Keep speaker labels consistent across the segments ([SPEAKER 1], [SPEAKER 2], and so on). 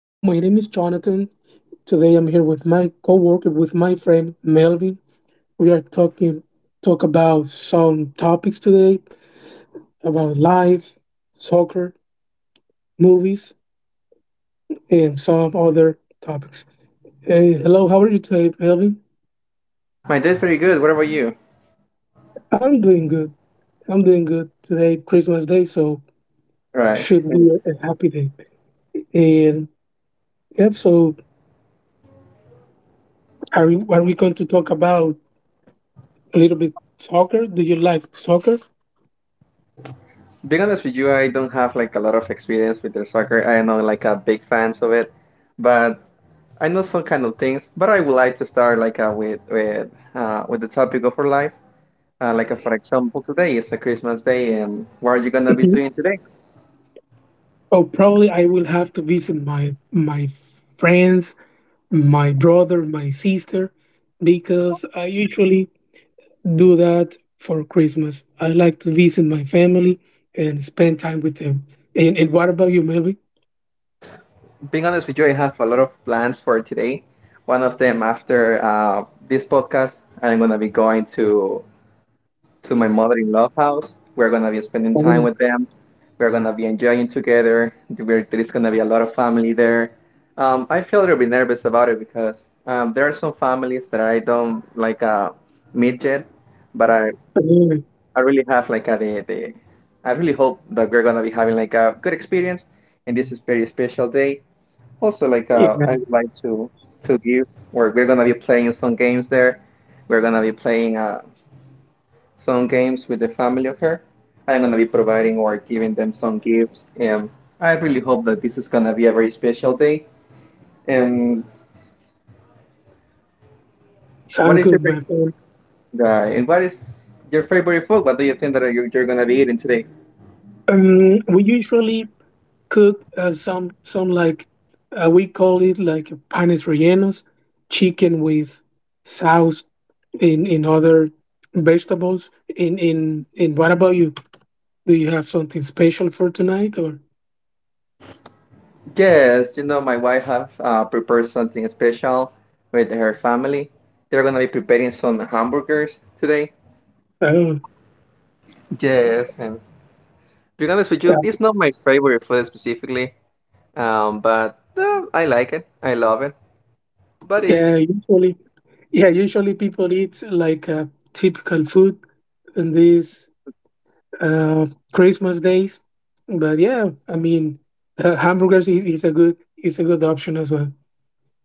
[SPEAKER 1] Hello, my name is Jonathan. Today I'm here with my coworker, with my friend Melvin. We are talk about some topics today about life, soccer, movies, and some other topics. Hey, hello, how are you today, Melvin?
[SPEAKER 2] My day's pretty good. What about you?
[SPEAKER 1] I'm doing good. I'm doing good today, Christmas Day, so
[SPEAKER 2] Right.
[SPEAKER 1] should
[SPEAKER 2] Okay.
[SPEAKER 1] be a happy day. And yep, so are we going to talk about a little bit soccer? Do you like soccer?
[SPEAKER 2] Being honest with you, I don't have like a lot of experience with the soccer. I'm not like a big fans of it, but I know some kind of things. But I would like to start like with with the topic of our life. Like for example, today is a Christmas day, and what are you gonna be doing today?
[SPEAKER 1] Oh, probably I will have to visit my friends, my brother, my sister, because I usually do that for Christmas. I like to visit my family and spend time with them. And what about you, maybe?
[SPEAKER 2] Being honest with you, I have a lot of plans for today. One of them, after this podcast, I'm gonna be going to my mother-in-law house. We're gonna be spending time
[SPEAKER 1] Oh,
[SPEAKER 2] with them. We're gonna be enjoying together. There's gonna be a lot of family there. I feel a little bit nervous about it because there are some families that I don't like meet yet, but
[SPEAKER 1] yeah,
[SPEAKER 2] I really have like a, the I really hope that we're gonna be having like a good experience, and this is very special day. Also, like
[SPEAKER 1] yeah.
[SPEAKER 2] I would like to give, or we're gonna be playing some games there. We're gonna be playing. Some games with the family of her. I'm gonna be providing or giving them some gifts, and I really hope that this is gonna be a very special day. And what
[SPEAKER 1] Sound
[SPEAKER 2] is your
[SPEAKER 1] good, my
[SPEAKER 2] favorite
[SPEAKER 1] friend.
[SPEAKER 2] guy? And what is your favorite food? What do you think that you're gonna be eating today?
[SPEAKER 1] We usually cook some like we call it like panes rellenos, chicken with sauce in other vegetables in what about you? Do you have something special for tonight? Or oh
[SPEAKER 2] Yes, you know my wife has prepared something special with her family. They're gonna be preparing some hamburgers today. Yes, and to be honest with
[SPEAKER 1] yeah.
[SPEAKER 2] you, it's not my favorite food specifically, but I like it. I love it but it's
[SPEAKER 1] Yeah, usually people eat like typical food in these uh Christmas days. But yeah, I mean, hamburgers is a good option as well.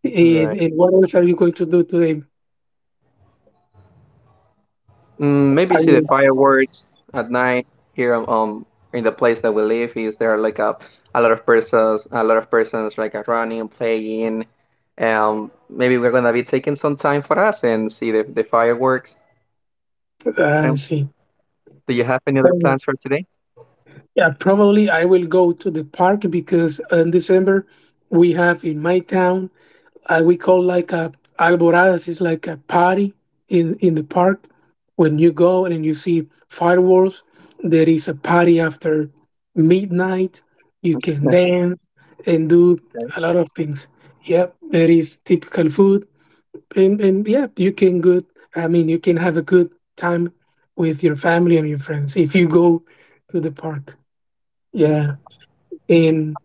[SPEAKER 1] and,
[SPEAKER 2] Right.
[SPEAKER 1] and what else are you going to do today?
[SPEAKER 2] Maybe
[SPEAKER 1] Are
[SPEAKER 2] see the
[SPEAKER 1] you
[SPEAKER 2] fireworks at night here in the place that we live is there like a lot of persons a lot of persons like are running and playing. Maybe we're gonna be taking some time for us and see the fireworks.
[SPEAKER 1] I
[SPEAKER 2] Um,
[SPEAKER 1] see.
[SPEAKER 2] do you have any other plans for today?
[SPEAKER 1] Yeah, probably I will go to the park because in December we have in my town, we call like a alboradas. It's like a party in the park. When you go and you see fireworks, there is a party after midnight. You can
[SPEAKER 2] No.
[SPEAKER 1] dance and do
[SPEAKER 2] Okay.
[SPEAKER 1] a lot of things. Yep, there is typical food, and yeah, you can good. I mean, you can have a good time with your family and your friends if you go to the park. Yeah. And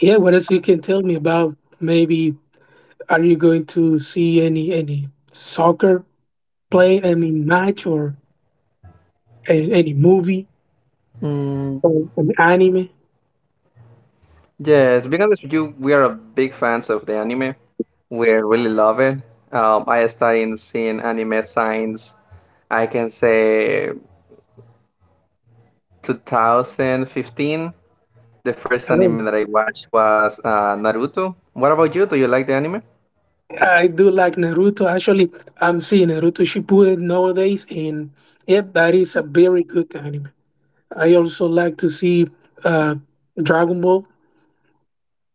[SPEAKER 1] yeah, what else you can tell me about? Maybe, are you going to see any soccer play? I mean, match, or any movie
[SPEAKER 2] Mm,
[SPEAKER 1] or an anime?
[SPEAKER 2] yes, being honest with you, we are a big fans of the anime. We really love it. I started seeing anime signs, I can say 2015, the first
[SPEAKER 1] I
[SPEAKER 2] anime
[SPEAKER 1] don't.
[SPEAKER 2] that I watched was Naruto. What about you? Do you like the anime?
[SPEAKER 1] I do like Naruto. Actually, I'm seeing Naruto Shippuden nowadays, and yep, that is a very good anime. I also like to see uh, Dragon Ball,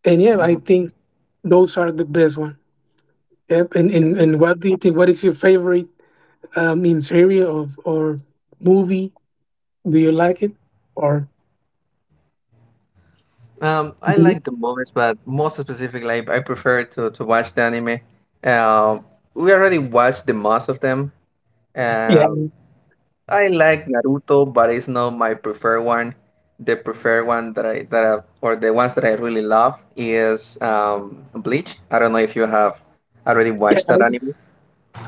[SPEAKER 1] and yeah, I
[SPEAKER 2] Mhm.
[SPEAKER 1] think those are the best one. Yep. And what do you think? What is your favorite in series of, or movie? Do you like it? Or
[SPEAKER 2] I
[SPEAKER 1] mhm.
[SPEAKER 2] like the movies, but most specifically, I prefer to watch the anime. Uh, we already watched the most of them.
[SPEAKER 1] Yeah,
[SPEAKER 2] Uh, I like Naruto, but it's not my preferred one. The preferred one that or the ones that I really love is Bleach. I don't know if you have already
[SPEAKER 1] yeah.
[SPEAKER 2] watched that anime.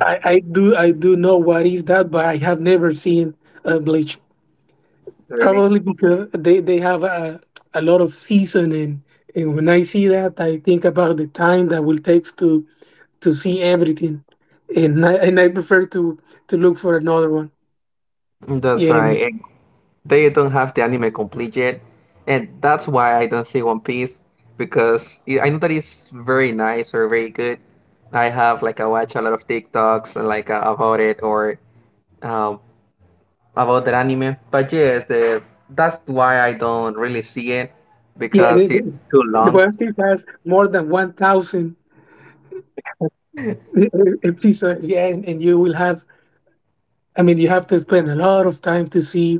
[SPEAKER 1] I do know what is that, but I have never seen Bleach.
[SPEAKER 2] Really?
[SPEAKER 1] Probably because they have a lot of season, and when I see that, I think about the time that will takes to see everything, and I prefer to look for another one.
[SPEAKER 2] That's
[SPEAKER 1] Yeah,
[SPEAKER 2] right. They don't have the anime complete yet, and that's why I don't see One Piece because it, I know that it's very nice or very good. I have like I watch a lot of TikToks and like about it or um, about that anime, but yes, the that's why I don't really see it
[SPEAKER 1] yeah. The,
[SPEAKER 2] because
[SPEAKER 1] the
[SPEAKER 2] it's too
[SPEAKER 1] the
[SPEAKER 2] long.
[SPEAKER 1] One Piece has more than 1,000 episodes. Yeah, and you will have. I mean, you have to spend a lot of time to see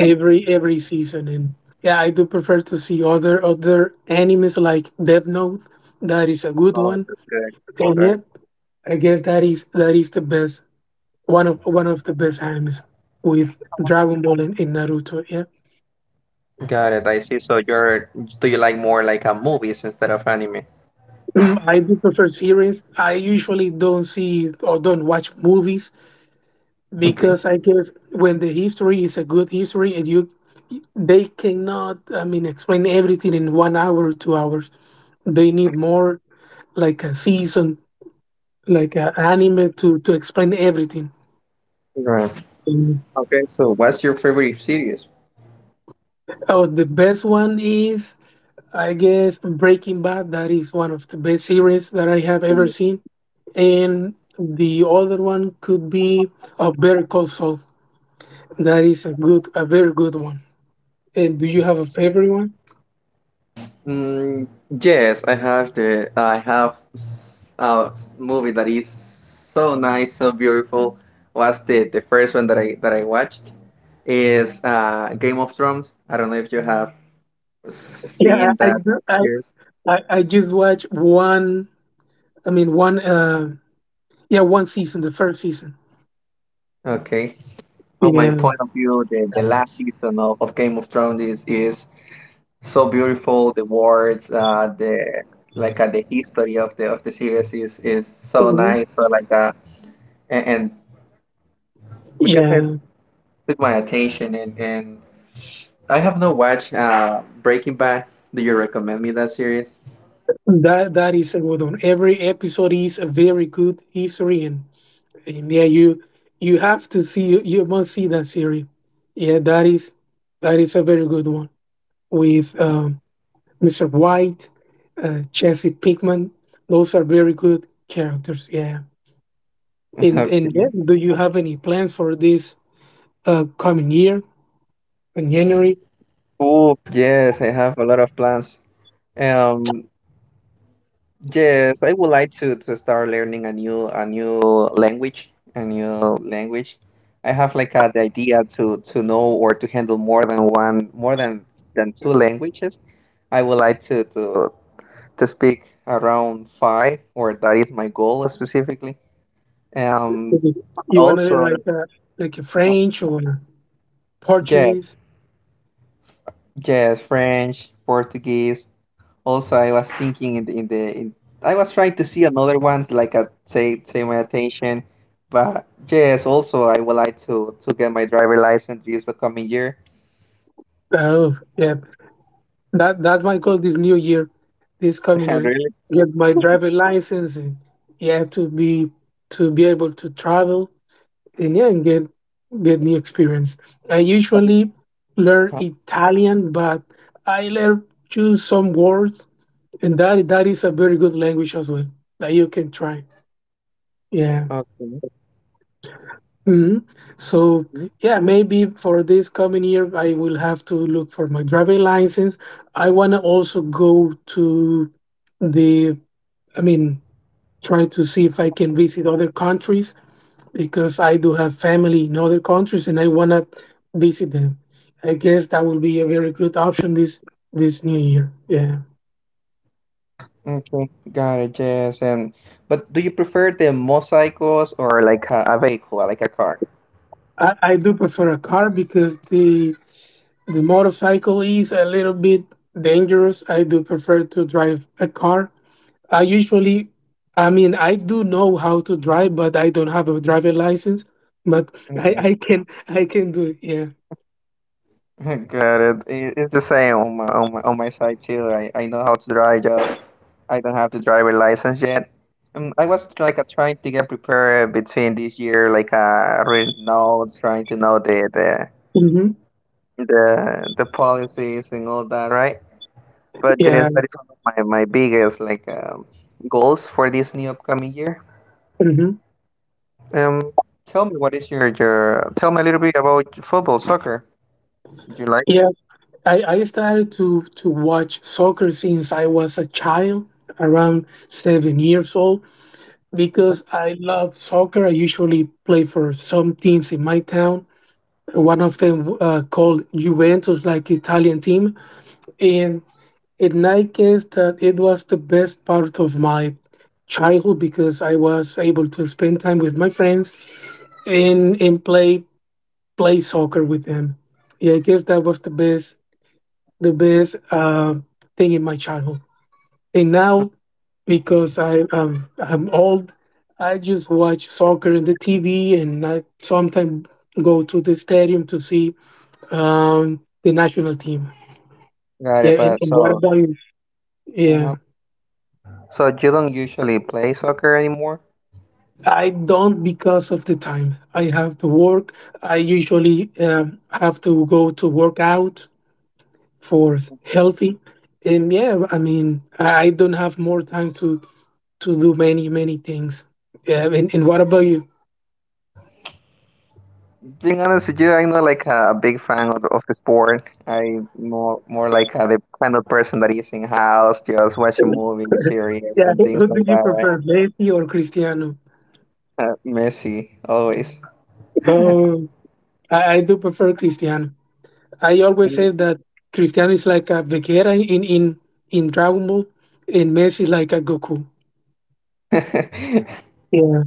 [SPEAKER 1] every season. And yeah, I do prefer to see other animes, like Death Note. That is a good
[SPEAKER 2] Oh,
[SPEAKER 1] one.
[SPEAKER 2] that's good.
[SPEAKER 1] And
[SPEAKER 2] Right.
[SPEAKER 1] yep, I guess that is the best one of the best animes, with Dragon Ball and Naruto. Yeah.
[SPEAKER 2] Got it. I see. So you're do you like more like a movies instead of anime?
[SPEAKER 1] I do prefer series. I usually don't see or don't watch movies,
[SPEAKER 2] Okay.
[SPEAKER 1] because I guess when the history is a good history, and you they cannot, I mean, explain everything in 1 hour or 2 hours. They need more, like a season, like anime, to explain everything.
[SPEAKER 2] Right.
[SPEAKER 1] Mm.
[SPEAKER 2] Okay. So what's your favorite series?
[SPEAKER 1] Oh, the best one is, I guess, Breaking Bad. That is one of the best series that I have ever seen, and the other one could be a Better Call Saul. That is a good, a very good one. And do you have a favorite one?
[SPEAKER 2] Mm, yes, I have the I have movie that is so nice, so beautiful. Was the first one that I watched is Game of Thrones. I don't know if you have
[SPEAKER 1] Yeah,
[SPEAKER 2] seen
[SPEAKER 1] I I
[SPEAKER 2] that
[SPEAKER 1] do- I,
[SPEAKER 2] series.
[SPEAKER 1] I I just watched one. I mean, one. Yeah, one season, the first season.
[SPEAKER 2] Okay. From my
[SPEAKER 1] Yeah.
[SPEAKER 2] point of view, the last season of Game of Thrones is so beautiful. The words, the like the history of the series is so
[SPEAKER 1] Mhm.
[SPEAKER 2] nice. So like and we can say
[SPEAKER 1] Yeah.
[SPEAKER 2] took my attention, and I have not watched Breaking Bad. Do you recommend me that series?
[SPEAKER 1] That is a good one. Every episode is a very good history, and yeah, you have to see, you must see that series. Yeah, that is a very good one, with Mr. White, Jesse Pinkman. Those are very good characters. Yeah, and
[SPEAKER 2] Okay.
[SPEAKER 1] yeah, do you have any plans for this coming year in January?
[SPEAKER 2] Oh, yes, I have a lot of plans. Um, yes, I would like to start learning a new language, a new language. I have like the idea to know or to handle more than one, more than two languages. I would like to speak around five, or that is my goal specifically. Um,
[SPEAKER 1] You want to learn
[SPEAKER 2] also
[SPEAKER 1] like a French or
[SPEAKER 2] Yes,
[SPEAKER 1] Portuguese?
[SPEAKER 2] yes, French, Portuguese. Also, I was thinking in the I was trying to see another ones like a say say my attention, but yes, also I would like to get my driver license this coming year.
[SPEAKER 1] Oh, yeah. That's my goal this new year, this coming year.
[SPEAKER 2] Really?
[SPEAKER 1] Get my driver license, and yeah, to be able to travel, and yeah, and get new experience. I usually learn
[SPEAKER 2] Uh-huh.
[SPEAKER 1] Italian, but I learn choose some words, and that is a very good language as well that you can try. Yeah.
[SPEAKER 2] Okay.
[SPEAKER 1] Hmm. So
[SPEAKER 2] Mm,
[SPEAKER 1] yeah, maybe for this coming year, I will have to look for my driving license. I want to also go to the, I mean, try to see if I can visit other countries, because I do have family in other countries and I want to visit them. I guess that will be a very good option this new year. Yeah,
[SPEAKER 2] okay, got it. Yes, and but do you prefer the motorcycles or like a vehicle, like a car?
[SPEAKER 1] I do prefer a car because the motorcycle is a little bit dangerous. I do prefer to drive a car. I usually, I mean, I do know how to drive, but I don't have a driving license. But I can do it. Yeah.
[SPEAKER 2] Got it. It's the same on my on my side too. I know how to drive, just I don't have the driver license yet. I was like trying to get prepared between this year, like reading notes, trying to know
[SPEAKER 1] Hmm.
[SPEAKER 2] the policies and all that, right? But yes,
[SPEAKER 1] Yeah.
[SPEAKER 2] that is one of my biggest like goals for this new upcoming year.
[SPEAKER 1] Hmm.
[SPEAKER 2] Um, tell me what is your tell me a little bit about football, soccer. Would you like?
[SPEAKER 1] Yeah. I started to watch soccer since I was a child, around 7 years old, because I love soccer. I usually play for some teams in my town. One of them, called Juventus, like Italian team, and in my case, that it was the best part of my childhood because I was able to spend time with my friends and play soccer with them. Yeah, I guess that was the best thing in my childhood. And now, because I'm old, I just watch soccer in the TV, and I sometimes go to the stadium to see the national team.
[SPEAKER 2] Got
[SPEAKER 1] Yeah,
[SPEAKER 2] it.
[SPEAKER 1] and,
[SPEAKER 2] But
[SPEAKER 1] and what
[SPEAKER 2] so.
[SPEAKER 1] about you?
[SPEAKER 2] Uh
[SPEAKER 1] Yeah.
[SPEAKER 2] So you don't usually play soccer anymore?
[SPEAKER 1] I don't because of the time. I have to work. I usually have to go to work out for healthy. And yeah, I mean, I don't have more time to do many things. Yeah, and what about you?
[SPEAKER 2] Being honest with you, I'm not like a big fan of the sport. I'm more like the kind of person that is in house, just watching movies, series,
[SPEAKER 1] Yeah.
[SPEAKER 2] and
[SPEAKER 1] who
[SPEAKER 2] things
[SPEAKER 1] who do
[SPEAKER 2] like
[SPEAKER 1] you
[SPEAKER 2] that. Right?
[SPEAKER 1] prefer, Messi or Cristiano?
[SPEAKER 2] Messy, always.
[SPEAKER 1] Oh, I do prefer Cristiano. I always say
[SPEAKER 2] Mm.
[SPEAKER 1] that Cristiano is like a Vegeta in Dragon Ball, and Messi is like a Goku.
[SPEAKER 2] Okay.
[SPEAKER 1] Yeah,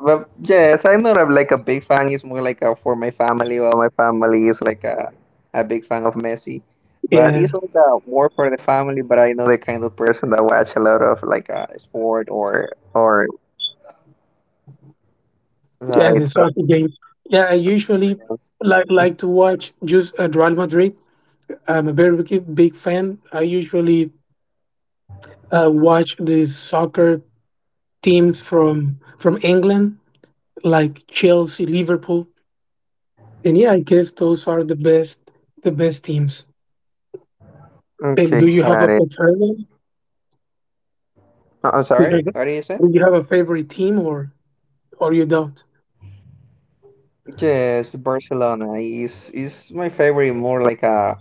[SPEAKER 2] But yes, I'm not a, like a big fan. It's more like a, for my family. Well, my family is like a big fan of Messi. But it's
[SPEAKER 1] yeah.
[SPEAKER 2] like more for the family. But I know the kind of person that watch a lot of like sport or
[SPEAKER 1] Yeah,
[SPEAKER 2] Right.
[SPEAKER 1] the soccer
[SPEAKER 2] So
[SPEAKER 1] games. Yeah, I usually
[SPEAKER 2] somewhere else.
[SPEAKER 1] like to watch just Real Madrid. I'm a very big, big fan. I usually watch the soccer teams from England, like Chelsea, Liverpool, and yeah, I guess those are the best teams. And do you have
[SPEAKER 2] Okay,
[SPEAKER 1] a
[SPEAKER 2] got it.
[SPEAKER 1] preference?
[SPEAKER 2] I'm
[SPEAKER 1] Do you have,
[SPEAKER 2] sorry. What do you say?
[SPEAKER 1] do you have a favorite team, or you don't?
[SPEAKER 2] Yes, Barcelona is my favorite. More like a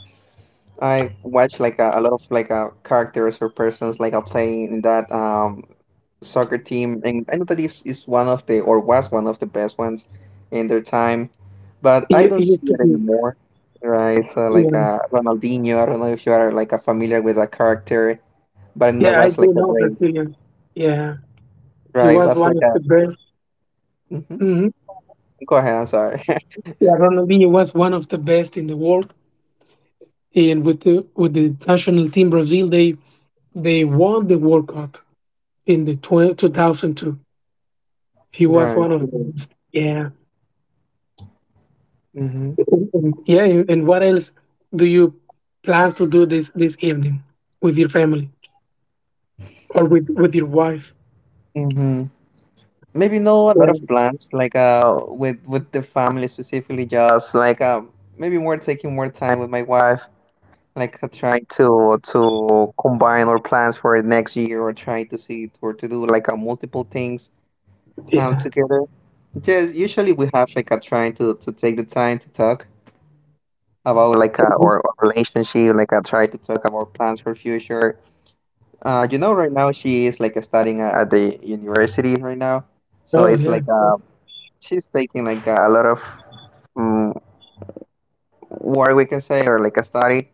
[SPEAKER 2] I watch like a lot of like characters or persons like are playing in that soccer team, and I know that is one of the or was one of the best ones in their time, but I
[SPEAKER 1] It,
[SPEAKER 2] don't
[SPEAKER 1] it used
[SPEAKER 2] see
[SPEAKER 1] to
[SPEAKER 2] it
[SPEAKER 1] be,
[SPEAKER 2] anymore. Right, so like
[SPEAKER 1] yeah,
[SPEAKER 2] Ronaldinho. I don't know if you are like a familiar with that character, but that
[SPEAKER 1] yeah. I
[SPEAKER 2] was like
[SPEAKER 1] do
[SPEAKER 2] a
[SPEAKER 1] know
[SPEAKER 2] very
[SPEAKER 1] Brazilians. Yeah, he
[SPEAKER 2] Right,
[SPEAKER 1] was
[SPEAKER 2] was
[SPEAKER 1] one
[SPEAKER 2] like
[SPEAKER 1] of
[SPEAKER 2] a
[SPEAKER 1] the best.
[SPEAKER 2] mhm,
[SPEAKER 1] Mhm.
[SPEAKER 2] go ahead, I'm sorry.
[SPEAKER 1] Yeah, Ronaldinho was one of the best in the world, and with the national team Brazil, they won the World Cup in the 2002. He was
[SPEAKER 2] Right.
[SPEAKER 1] one of the best. Yeah.
[SPEAKER 2] Mhm.
[SPEAKER 1] Yeah. And what else do you plan to do this evening, with your family or with your wife?
[SPEAKER 2] Mhm. Maybe no a lot
[SPEAKER 1] Yeah,
[SPEAKER 2] of plans like with the family specifically just like maybe more taking more time with my wife like trying to combine our plans for next year or trying to see or to do like multiple things
[SPEAKER 1] yeah.
[SPEAKER 2] together. Just usually we have like a trying to take the time to talk about like our relationship, like I try to talk about plans for future. Right now she is like studying at the university right now, so
[SPEAKER 1] Oh,
[SPEAKER 2] it's
[SPEAKER 1] yeah.
[SPEAKER 2] like she's taking like a lot of um, work we can say or like a study.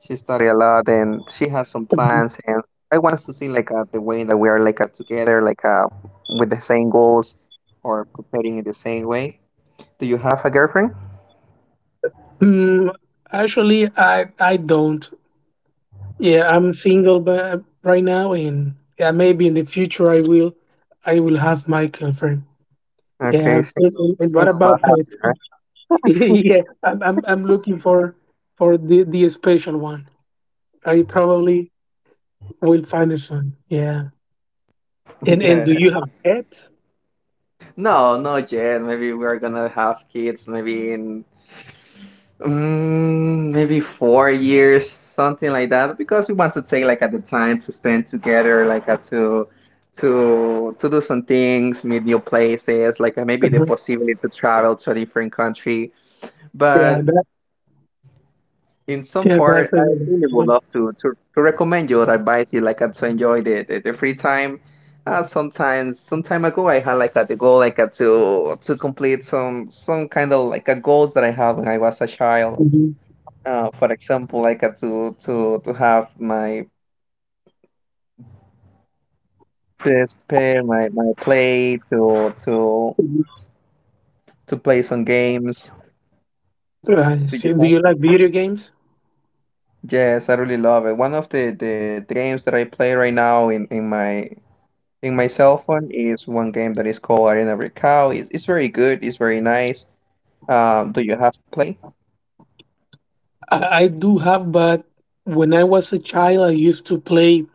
[SPEAKER 2] She study a lot and she has some plans and I want us to see like the way that we are like together like with the same goals or preparing in the same way. Do you have a girlfriend?
[SPEAKER 1] Mm, Actually, I don't. Yeah, I'm single, but right now, and yeah, maybe in the future I will have my girlfriend.
[SPEAKER 2] Okay,
[SPEAKER 1] Yeah, and,
[SPEAKER 2] single,
[SPEAKER 1] and- and what
[SPEAKER 2] single but
[SPEAKER 1] about pets?
[SPEAKER 2] happy,
[SPEAKER 1] Yeah, I'm looking for the special one. I probably will find a son. Yeah,
[SPEAKER 2] right?
[SPEAKER 1] and do
[SPEAKER 2] Yeah.
[SPEAKER 1] you have pets?
[SPEAKER 2] No, not yet. Maybe we're gonna have kids maybe in maybe 4 years, something like that, because we want to take like at the time to spend together, like to do some things, meet new places, like maybe the
[SPEAKER 1] uh
[SPEAKER 2] possibility to travel to a different country.
[SPEAKER 1] Yeah,
[SPEAKER 2] But
[SPEAKER 1] that
[SPEAKER 2] in some
[SPEAKER 1] yeah, that's
[SPEAKER 2] part, I
[SPEAKER 1] another.
[SPEAKER 2] really would love to to recommend you or advise you like to enjoy the free time. Sometimes some time ago I had like a the goal like to complete some kind of like a goals that I have when I was a child.
[SPEAKER 1] Mhm.
[SPEAKER 2] For example, like to have my PSP, my play to play some games.
[SPEAKER 1] Right.
[SPEAKER 2] Do you
[SPEAKER 1] So do
[SPEAKER 2] have?
[SPEAKER 1] you like video games?
[SPEAKER 2] Yes, I really love it. One of the games that I play right now in my In my cell phone is one game that is called Arena Recall. It's very good. It's very nice. Do you have to play?
[SPEAKER 1] I do have, but when I was a child, I used to play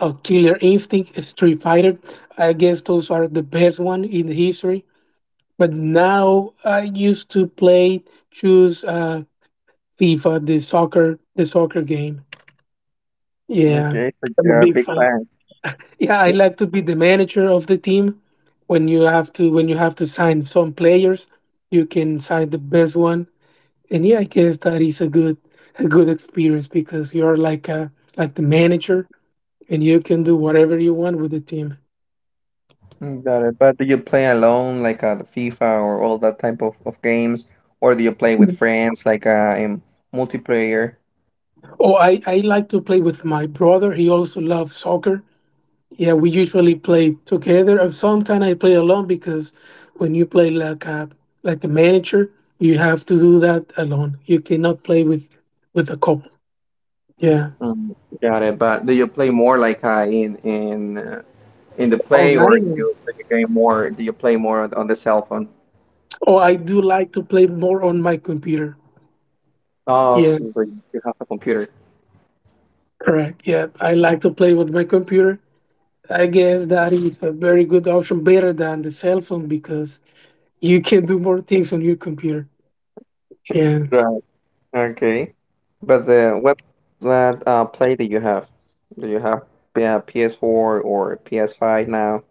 [SPEAKER 1] Killer Instinct, Street Fighter. I guess those are the best one in the history. But now I used to play choose FIFA, the soccer game. Yeah,
[SPEAKER 2] Okay, so
[SPEAKER 1] I'm a
[SPEAKER 2] you're a
[SPEAKER 1] big
[SPEAKER 2] big
[SPEAKER 1] fan.
[SPEAKER 2] fan.
[SPEAKER 1] Yeah, I like to be the manager of the team. When you have to sign some players, you can sign the best one, and yeah, I guess that is a good experience, because you're like the manager and you can do whatever you want with the team.
[SPEAKER 2] Mm, got it. But do you play alone, like the FIFA or all that type of games, or do you play with friends, like in multiplayer?
[SPEAKER 1] Oh, I like to play with my brother. He also loves soccer. Yeah, we usually play together. And sometimes I play alone, because when you play like a manager, you have to do that alone. You cannot play with a couple. Yeah,
[SPEAKER 2] Mm, got it. But do you play more like in in the play, or do
[SPEAKER 1] online.
[SPEAKER 2] you, play you game more? Do you play more on the cell phone?
[SPEAKER 1] Oh, I do like to play more on my computer.
[SPEAKER 2] Oh,
[SPEAKER 1] Yeah,
[SPEAKER 2] so so you have a computer.
[SPEAKER 1] correct. Yeah, I like to play with my computer. I guess that is a very good option, better than the cell phone, because you can do more things on your computer. Yeah.
[SPEAKER 2] Right. Okay, but what play do you have? Do you have, yeah, PS4 or PS5 now?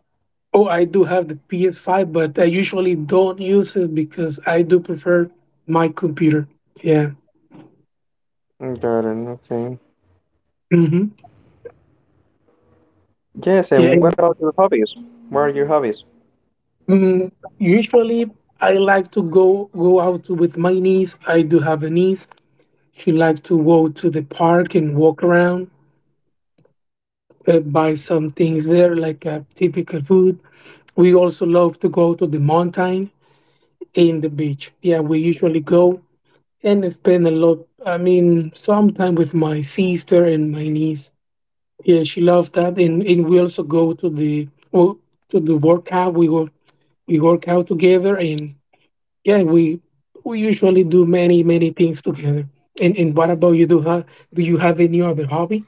[SPEAKER 1] Oh, I do have the PS5, but I usually don't use it because I do prefer my computer. Yeah.
[SPEAKER 2] Mm, got it. Okay.
[SPEAKER 1] Hmm.
[SPEAKER 2] Yes, and
[SPEAKER 1] Yeah.
[SPEAKER 2] what about your hobbies? What are your hobbies?
[SPEAKER 1] Mm, Usually, I like to go out with my niece. I do have a niece. She likes to go to the park and walk around, buy some things there, like typical food. We also love to go to the mountain in the beach. Yeah, we usually go and spend a lot. I mean, sometime with my sister and my niece. Yeah, she loves that, and we also go to the well, to the workout. We work out together, and yeah, we usually do many things together. And what about you? Do ha? Do you have any other hobby?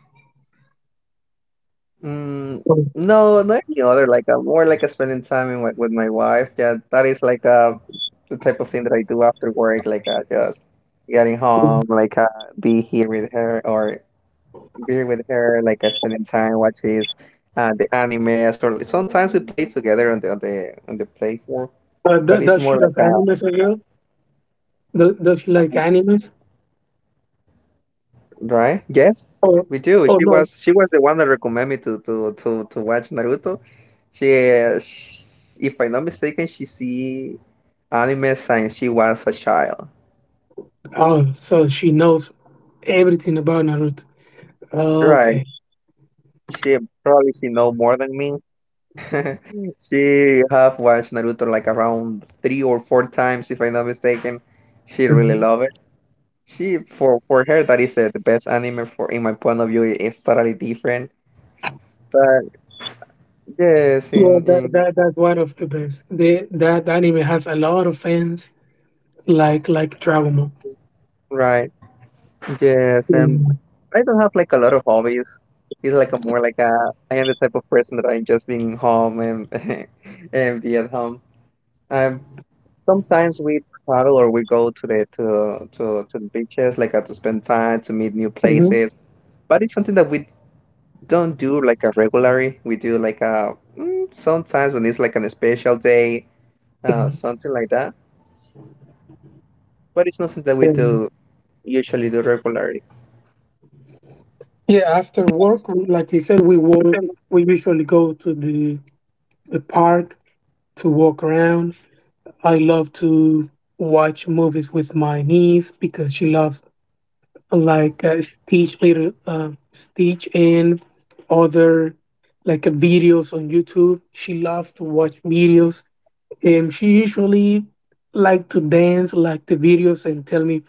[SPEAKER 2] Mm,
[SPEAKER 1] Or,
[SPEAKER 2] no, not any other. Like more like a spending time in, with my wife. Yeah, that is like the type of thing that I do after work. Just getting home, be here with her, or beer with her, spending time watching the anime. So sometimes we play together on the on the play for, but it's
[SPEAKER 1] Does she
[SPEAKER 2] more
[SPEAKER 1] like
[SPEAKER 2] like a,
[SPEAKER 1] animals as well? Does she like animals?
[SPEAKER 2] right? Yes,
[SPEAKER 1] Or,
[SPEAKER 2] we do.
[SPEAKER 1] oh
[SPEAKER 2] She
[SPEAKER 1] no?
[SPEAKER 2] was she was the one that recommended me to watch Naruto. She, sh If I'm not mistaken, she see anime since she was a child.
[SPEAKER 1] Oh, so she knows everything about Naruto. Oh,
[SPEAKER 2] Right.
[SPEAKER 1] okay.
[SPEAKER 2] She probably she know more than me. She have watched Naruto like around three or four times, if I'm not mistaken. She really
[SPEAKER 1] Mhm.
[SPEAKER 2] love it. She for her that is the best anime for, in my point of view it is totally different. But yes,
[SPEAKER 1] Yeah,
[SPEAKER 2] in
[SPEAKER 1] that,
[SPEAKER 2] in
[SPEAKER 1] that that's one of the best. The anime has a lot of fans, like Dragon Ball.
[SPEAKER 2] right, yes, and
[SPEAKER 1] Mm-hmm.
[SPEAKER 2] I don't have like a lot of hobbies. It's like a more like a, I am the type of person that I just being home and and be at home. I Sometimes we travel or we go to the to the beaches, to spend time to meet new
[SPEAKER 1] Mm-hmm.
[SPEAKER 2] places. But it's something that we don't do like a regularly. We do like a, sometimes when it's like an special day, something like that. But it's not something that we
[SPEAKER 1] And
[SPEAKER 2] do usually do regularly.
[SPEAKER 1] yeah, after work, like you said, we walk. We usually go to the park to walk around. I love to watch movies with my niece because she loves like Stitch, little Stitch, and other, like, videos on YouTube. She loves to watch videos, and she usually like to dance like the videos and tell me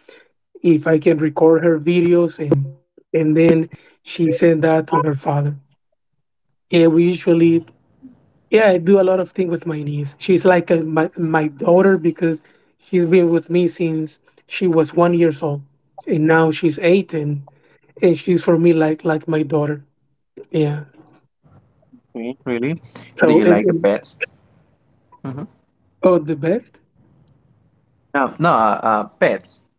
[SPEAKER 1] if I can record her videos, and then she sent that to her father. Yeah, we usually yeah, I do a lot of things with my niece. She's like a, my daughter, because she's been with me since she was 1 old, and now she's 8, and she's for me like my daughter. Yeah.
[SPEAKER 2] Okay, really? Do you
[SPEAKER 1] So,
[SPEAKER 2] like
[SPEAKER 1] and,
[SPEAKER 2] the
[SPEAKER 1] and
[SPEAKER 2] pets? Mm-hmm.
[SPEAKER 1] oh, the best.
[SPEAKER 2] No, no, pets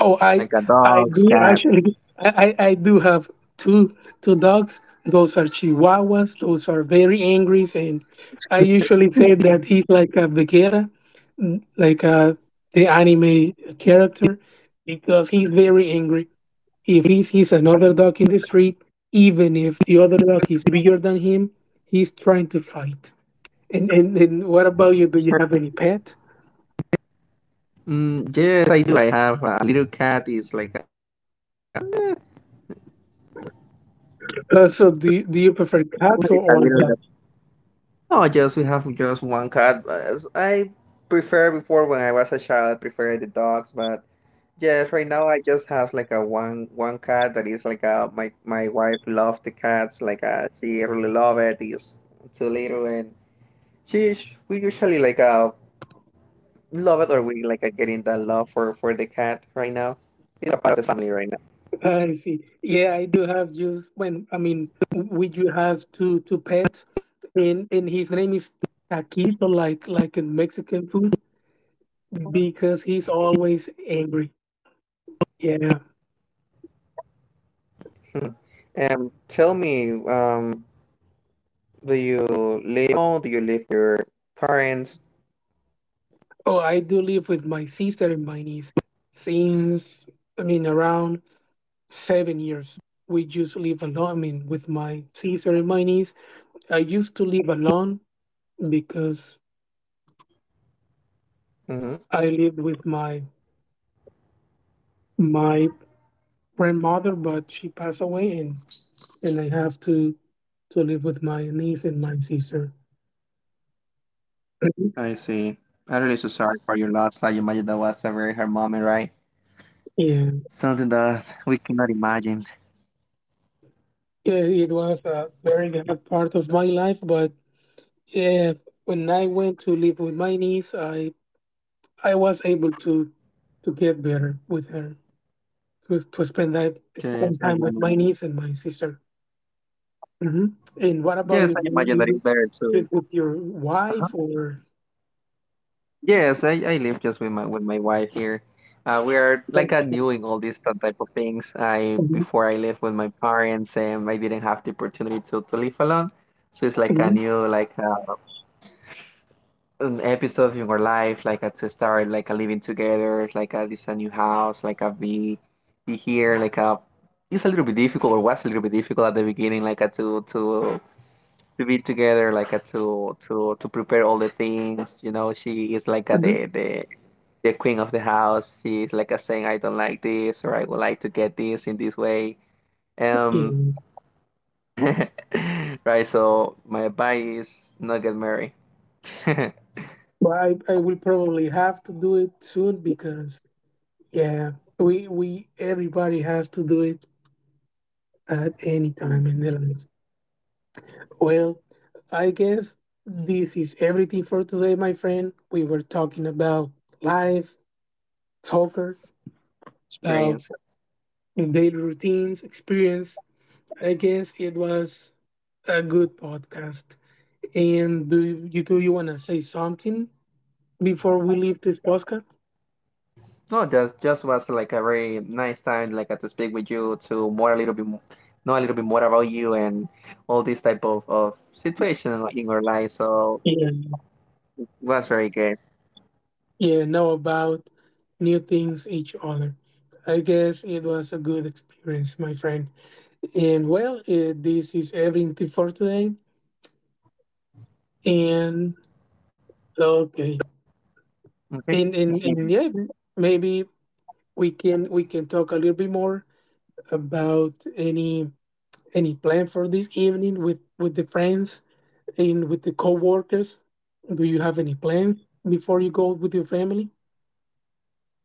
[SPEAKER 1] Oh, I
[SPEAKER 2] like
[SPEAKER 1] I do
[SPEAKER 2] dogs,
[SPEAKER 1] actually.
[SPEAKER 2] cats.
[SPEAKER 1] I do have two two dogs. Those are Chihuahuas. Those are very angry, and I usually say that he's like a Vegeta, like the anime character, because he's very angry. If he sees another dog in the street, even if the other dog is bigger than him, he's trying to fight. And what about you? Do you have any pet?
[SPEAKER 2] Mm, yes, I do. I have a little cat. Is like a,
[SPEAKER 1] So do you prefer cats, or, or
[SPEAKER 2] it's a
[SPEAKER 1] dogs?
[SPEAKER 2] little. Oh, just we have just one cat. As I prefer before when I was a child, I preferred the dogs, but yes, right now I just have like a one cat that is like a, my wife loves the cats. She really love it. It's too little, and we usually like love it, or we getting that love for the cat right now. It's a part of the family, right
[SPEAKER 1] I see. Yeah, I do have, just, when I mean, we do have two pets, and his name is Taquito, like in Mexican food, because he's always angry. Yeah.
[SPEAKER 2] now. And tell me, um, do you live alone? Do you live with your parents?
[SPEAKER 1] Oh, I do live with my sister and my niece since, I mean, around 7 years. We just live alone. I mean, with my sister and my niece. I used to live alone because
[SPEAKER 2] Mm-hmm.
[SPEAKER 1] I lived with my grandmother, but she passed away, and I have to live with my niece and my sister.
[SPEAKER 2] I see. I'm really so sorry for your loss. I imagine that was a very hard moment, right?
[SPEAKER 1] Yeah,
[SPEAKER 2] Something that we cannot imagine.
[SPEAKER 1] yeah, it was a very bad part of my life, but yeah, when I went to live with my niece, I was able to get better with her, to
[SPEAKER 2] Yes, I
[SPEAKER 1] spend time with
[SPEAKER 2] imagine.
[SPEAKER 1] my niece and my sister. And what
[SPEAKER 2] Yes,
[SPEAKER 1] about
[SPEAKER 2] I
[SPEAKER 1] you? Do You
[SPEAKER 2] imagine that it's
[SPEAKER 1] you
[SPEAKER 2] better too.
[SPEAKER 1] live with your
[SPEAKER 2] Uh-huh.
[SPEAKER 1] wife, or?
[SPEAKER 2] Yes, I live just with my wife here. We are like, I'm doing all these type of things. I
[SPEAKER 1] Mhm,
[SPEAKER 2] before I lived with my parents, and I didn't have the opportunity to live alone. So it's like a
[SPEAKER 1] mhm,
[SPEAKER 2] new, like an episode of your life, like a, to start like a living together, like a, this is a new house, like a be here, like a, it's a little bit difficult or was a little bit difficult at the beginning, like a, to be together, like a, to prepare all the things. You know, she is like a,
[SPEAKER 1] mhm.
[SPEAKER 2] the queen of the house. She is like a saying, I don't like this, or I would like to get this in this way.
[SPEAKER 1] Yeah.
[SPEAKER 2] Um, right. So my advice is not get married.
[SPEAKER 1] Well, I will probably have to do it soon, because, yeah, we everybody has to do it at any time in their lives. Well, I guess this is everything for today, my friend. We were talking about life, soccer, about
[SPEAKER 2] Experience.
[SPEAKER 1] daily routines, experience. I guess it was a good podcast. And do you want to say something before we leave this podcast?
[SPEAKER 2] No, that just was like a very nice time, to speak with you, to more a little bit, know a little bit more about you and all this type of situation in your life. So
[SPEAKER 1] Yeah,
[SPEAKER 2] was very good.
[SPEAKER 1] yeah, know about new things, each other. I guess it was a good experience, my friend, and, well, this is everything for today. And, okay,
[SPEAKER 2] Okay.
[SPEAKER 1] and yeah, maybe we can talk a little bit more about any plan for this evening, with the friends and with the co-workers. Do you have any plans before you go with your family?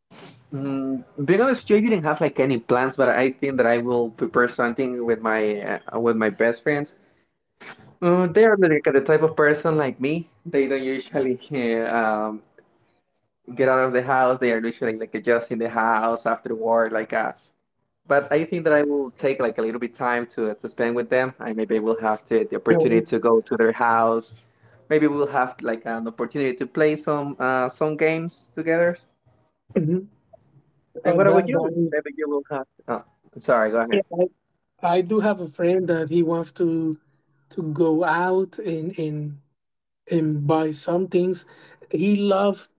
[SPEAKER 2] Mm, being honest with you, I didn't have like any plans, but I think that I will prepare something with my best friends. Mm, they are like the type of person like me. They don't usually um, get out of the house. They are usually like just in the house after work, but I think that I will take like a little bit time to spend with them. I maybe will have to, the opportunity
[SPEAKER 1] Mhm.
[SPEAKER 2] to go to their house. Maybe we'll have like an opportunity to play some games together. And
[SPEAKER 1] Uh,
[SPEAKER 2] what about
[SPEAKER 1] that,
[SPEAKER 2] you?
[SPEAKER 1] that is,
[SPEAKER 2] Maybe you will have. Oh, sorry. Go
[SPEAKER 1] yeah,
[SPEAKER 2] ahead.
[SPEAKER 1] I do have a friend that he wants to go out and buy some things. He loves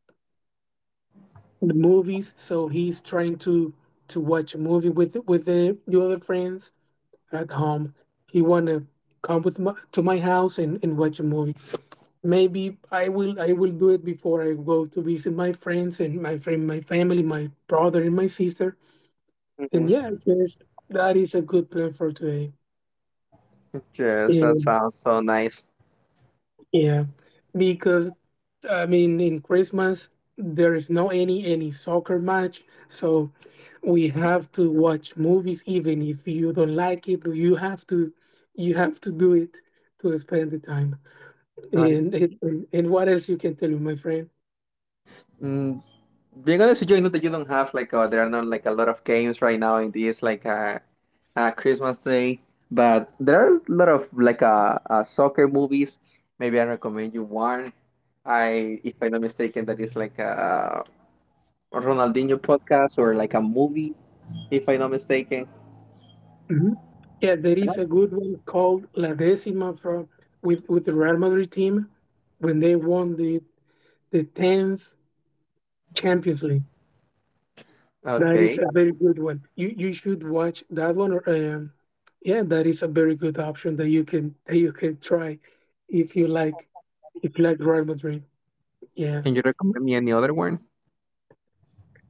[SPEAKER 1] the movies, so he's trying to watch a movie with the other friends at home. He want to come to my house, and watch a movie. Maybe I will do it before I go to visit my friends and my family, my brother and my sister. And yeah,
[SPEAKER 2] Hmm.
[SPEAKER 1] I guess that is a good plan for today.
[SPEAKER 2] Yes, that sounds so nice.
[SPEAKER 1] Yeah, because, I mean, in Christmas there is no any soccer match, so we have to watch movies. Even if you don't like it, you have to do it to spend the time.
[SPEAKER 2] All
[SPEAKER 1] And what else you can tell me, my friend?
[SPEAKER 2] right. Being honest with you, I know that you don't have there are not like a lot of games right now in this Christmas Day, but there are a lot of soccer movies. Maybe I recommend you one. I, if I'm not mistaken, that is like a Ronaldinho podcast or like a movie, if I'm not mistaken.
[SPEAKER 1] Mhm. Yeah, there is
[SPEAKER 2] Yeah.
[SPEAKER 1] a good one called La Decima from with the Real Madrid team when they won the 10th Champions League. That is
[SPEAKER 2] Okay.
[SPEAKER 1] a very good one. You should watch that one. Or, yeah, that is a very good option that you can try if you like Real Madrid.
[SPEAKER 2] Can
[SPEAKER 1] Yeah.
[SPEAKER 2] you recommend me any other one?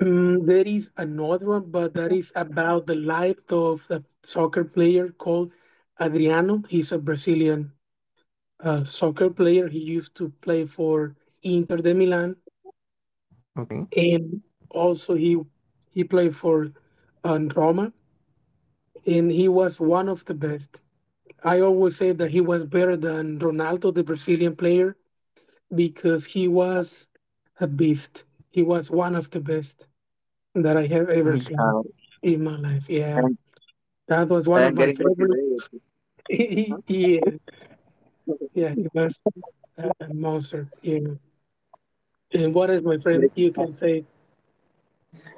[SPEAKER 1] There is another one, but that is about the life of a soccer player called Adriano. He's a Brazilian soccer player. He used to play for Inter de Milan,
[SPEAKER 2] Okay.
[SPEAKER 1] and also he played for Roma, and he was one of the best. I always say that he was better than Ronaldo, the Brazilian player, because he was a beast. He was one of the best that I have ever
[SPEAKER 2] God,
[SPEAKER 1] seen in my life.
[SPEAKER 2] I'm,
[SPEAKER 1] Yeah, that was
[SPEAKER 2] I'm
[SPEAKER 1] one of
[SPEAKER 2] getting
[SPEAKER 1] my favorite.
[SPEAKER 2] motivated. Huh?
[SPEAKER 1] Yeah, yeah, he was a monster. Yeah. And what is, my
[SPEAKER 2] Maybe
[SPEAKER 1] friend? You can say,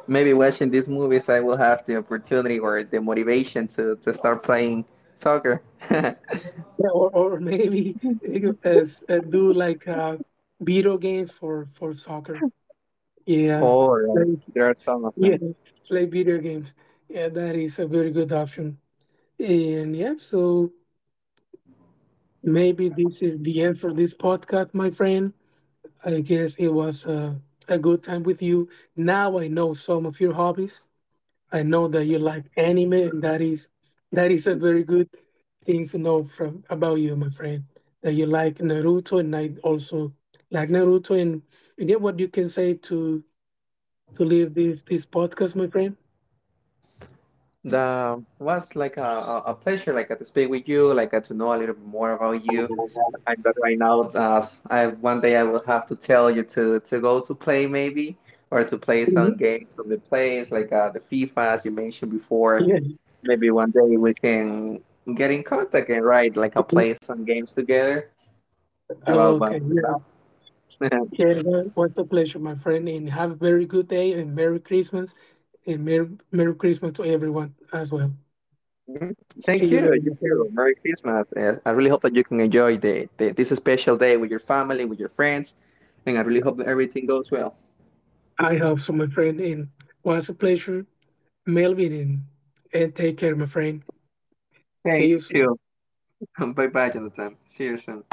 [SPEAKER 2] maybe watching these movies, I will have the opportunity or the motivation to start playing soccer.
[SPEAKER 1] yeah, or maybe you can, do, like, video games for soccer. Yeah,
[SPEAKER 2] All right. There are some of
[SPEAKER 1] yeah,
[SPEAKER 2] them.
[SPEAKER 1] play video games. Yeah, that is a very good option. And yeah, so maybe this is the end for this podcast, my friend. I guess it was a good time with you. Now I know some of your hobbies. I know that you like anime, and that is a very good thing to know from about you, my friend. That you like Naruto, and I also like Naruto. And yeah, what you can say to leave this podcast, my friend?
[SPEAKER 2] The was like a, a pleasure, to speak with you, to know a little bit more about you. I got right now. I one day I will have to tell you to go to play, maybe or to play
[SPEAKER 1] Mhm.
[SPEAKER 2] some games from the place the FIFA as you mentioned before.
[SPEAKER 1] Yeah.
[SPEAKER 2] Maybe one day we can get in contact and write like a play some games together about one
[SPEAKER 1] Okay,
[SPEAKER 2] of the
[SPEAKER 1] yeah,
[SPEAKER 2] maps.
[SPEAKER 1] yeah, that was a pleasure, my friend, and have a very good day and Merry Christmas, and Merry, Merry Christmas to everyone as well. See
[SPEAKER 2] Thank
[SPEAKER 1] you
[SPEAKER 2] you.
[SPEAKER 1] later,
[SPEAKER 2] You
[SPEAKER 1] my
[SPEAKER 2] too.
[SPEAKER 1] friend.
[SPEAKER 2] Merry Christmas. I really hope that you can enjoy the this special day with your family, with your friends, and I really hope that everything goes well.
[SPEAKER 1] I hope so, my friend, and was a pleasure, Melvin, and, take care, my friend.
[SPEAKER 2] Thank
[SPEAKER 1] See you soon.
[SPEAKER 2] you too. Bye bye, Jonathan. See you soon.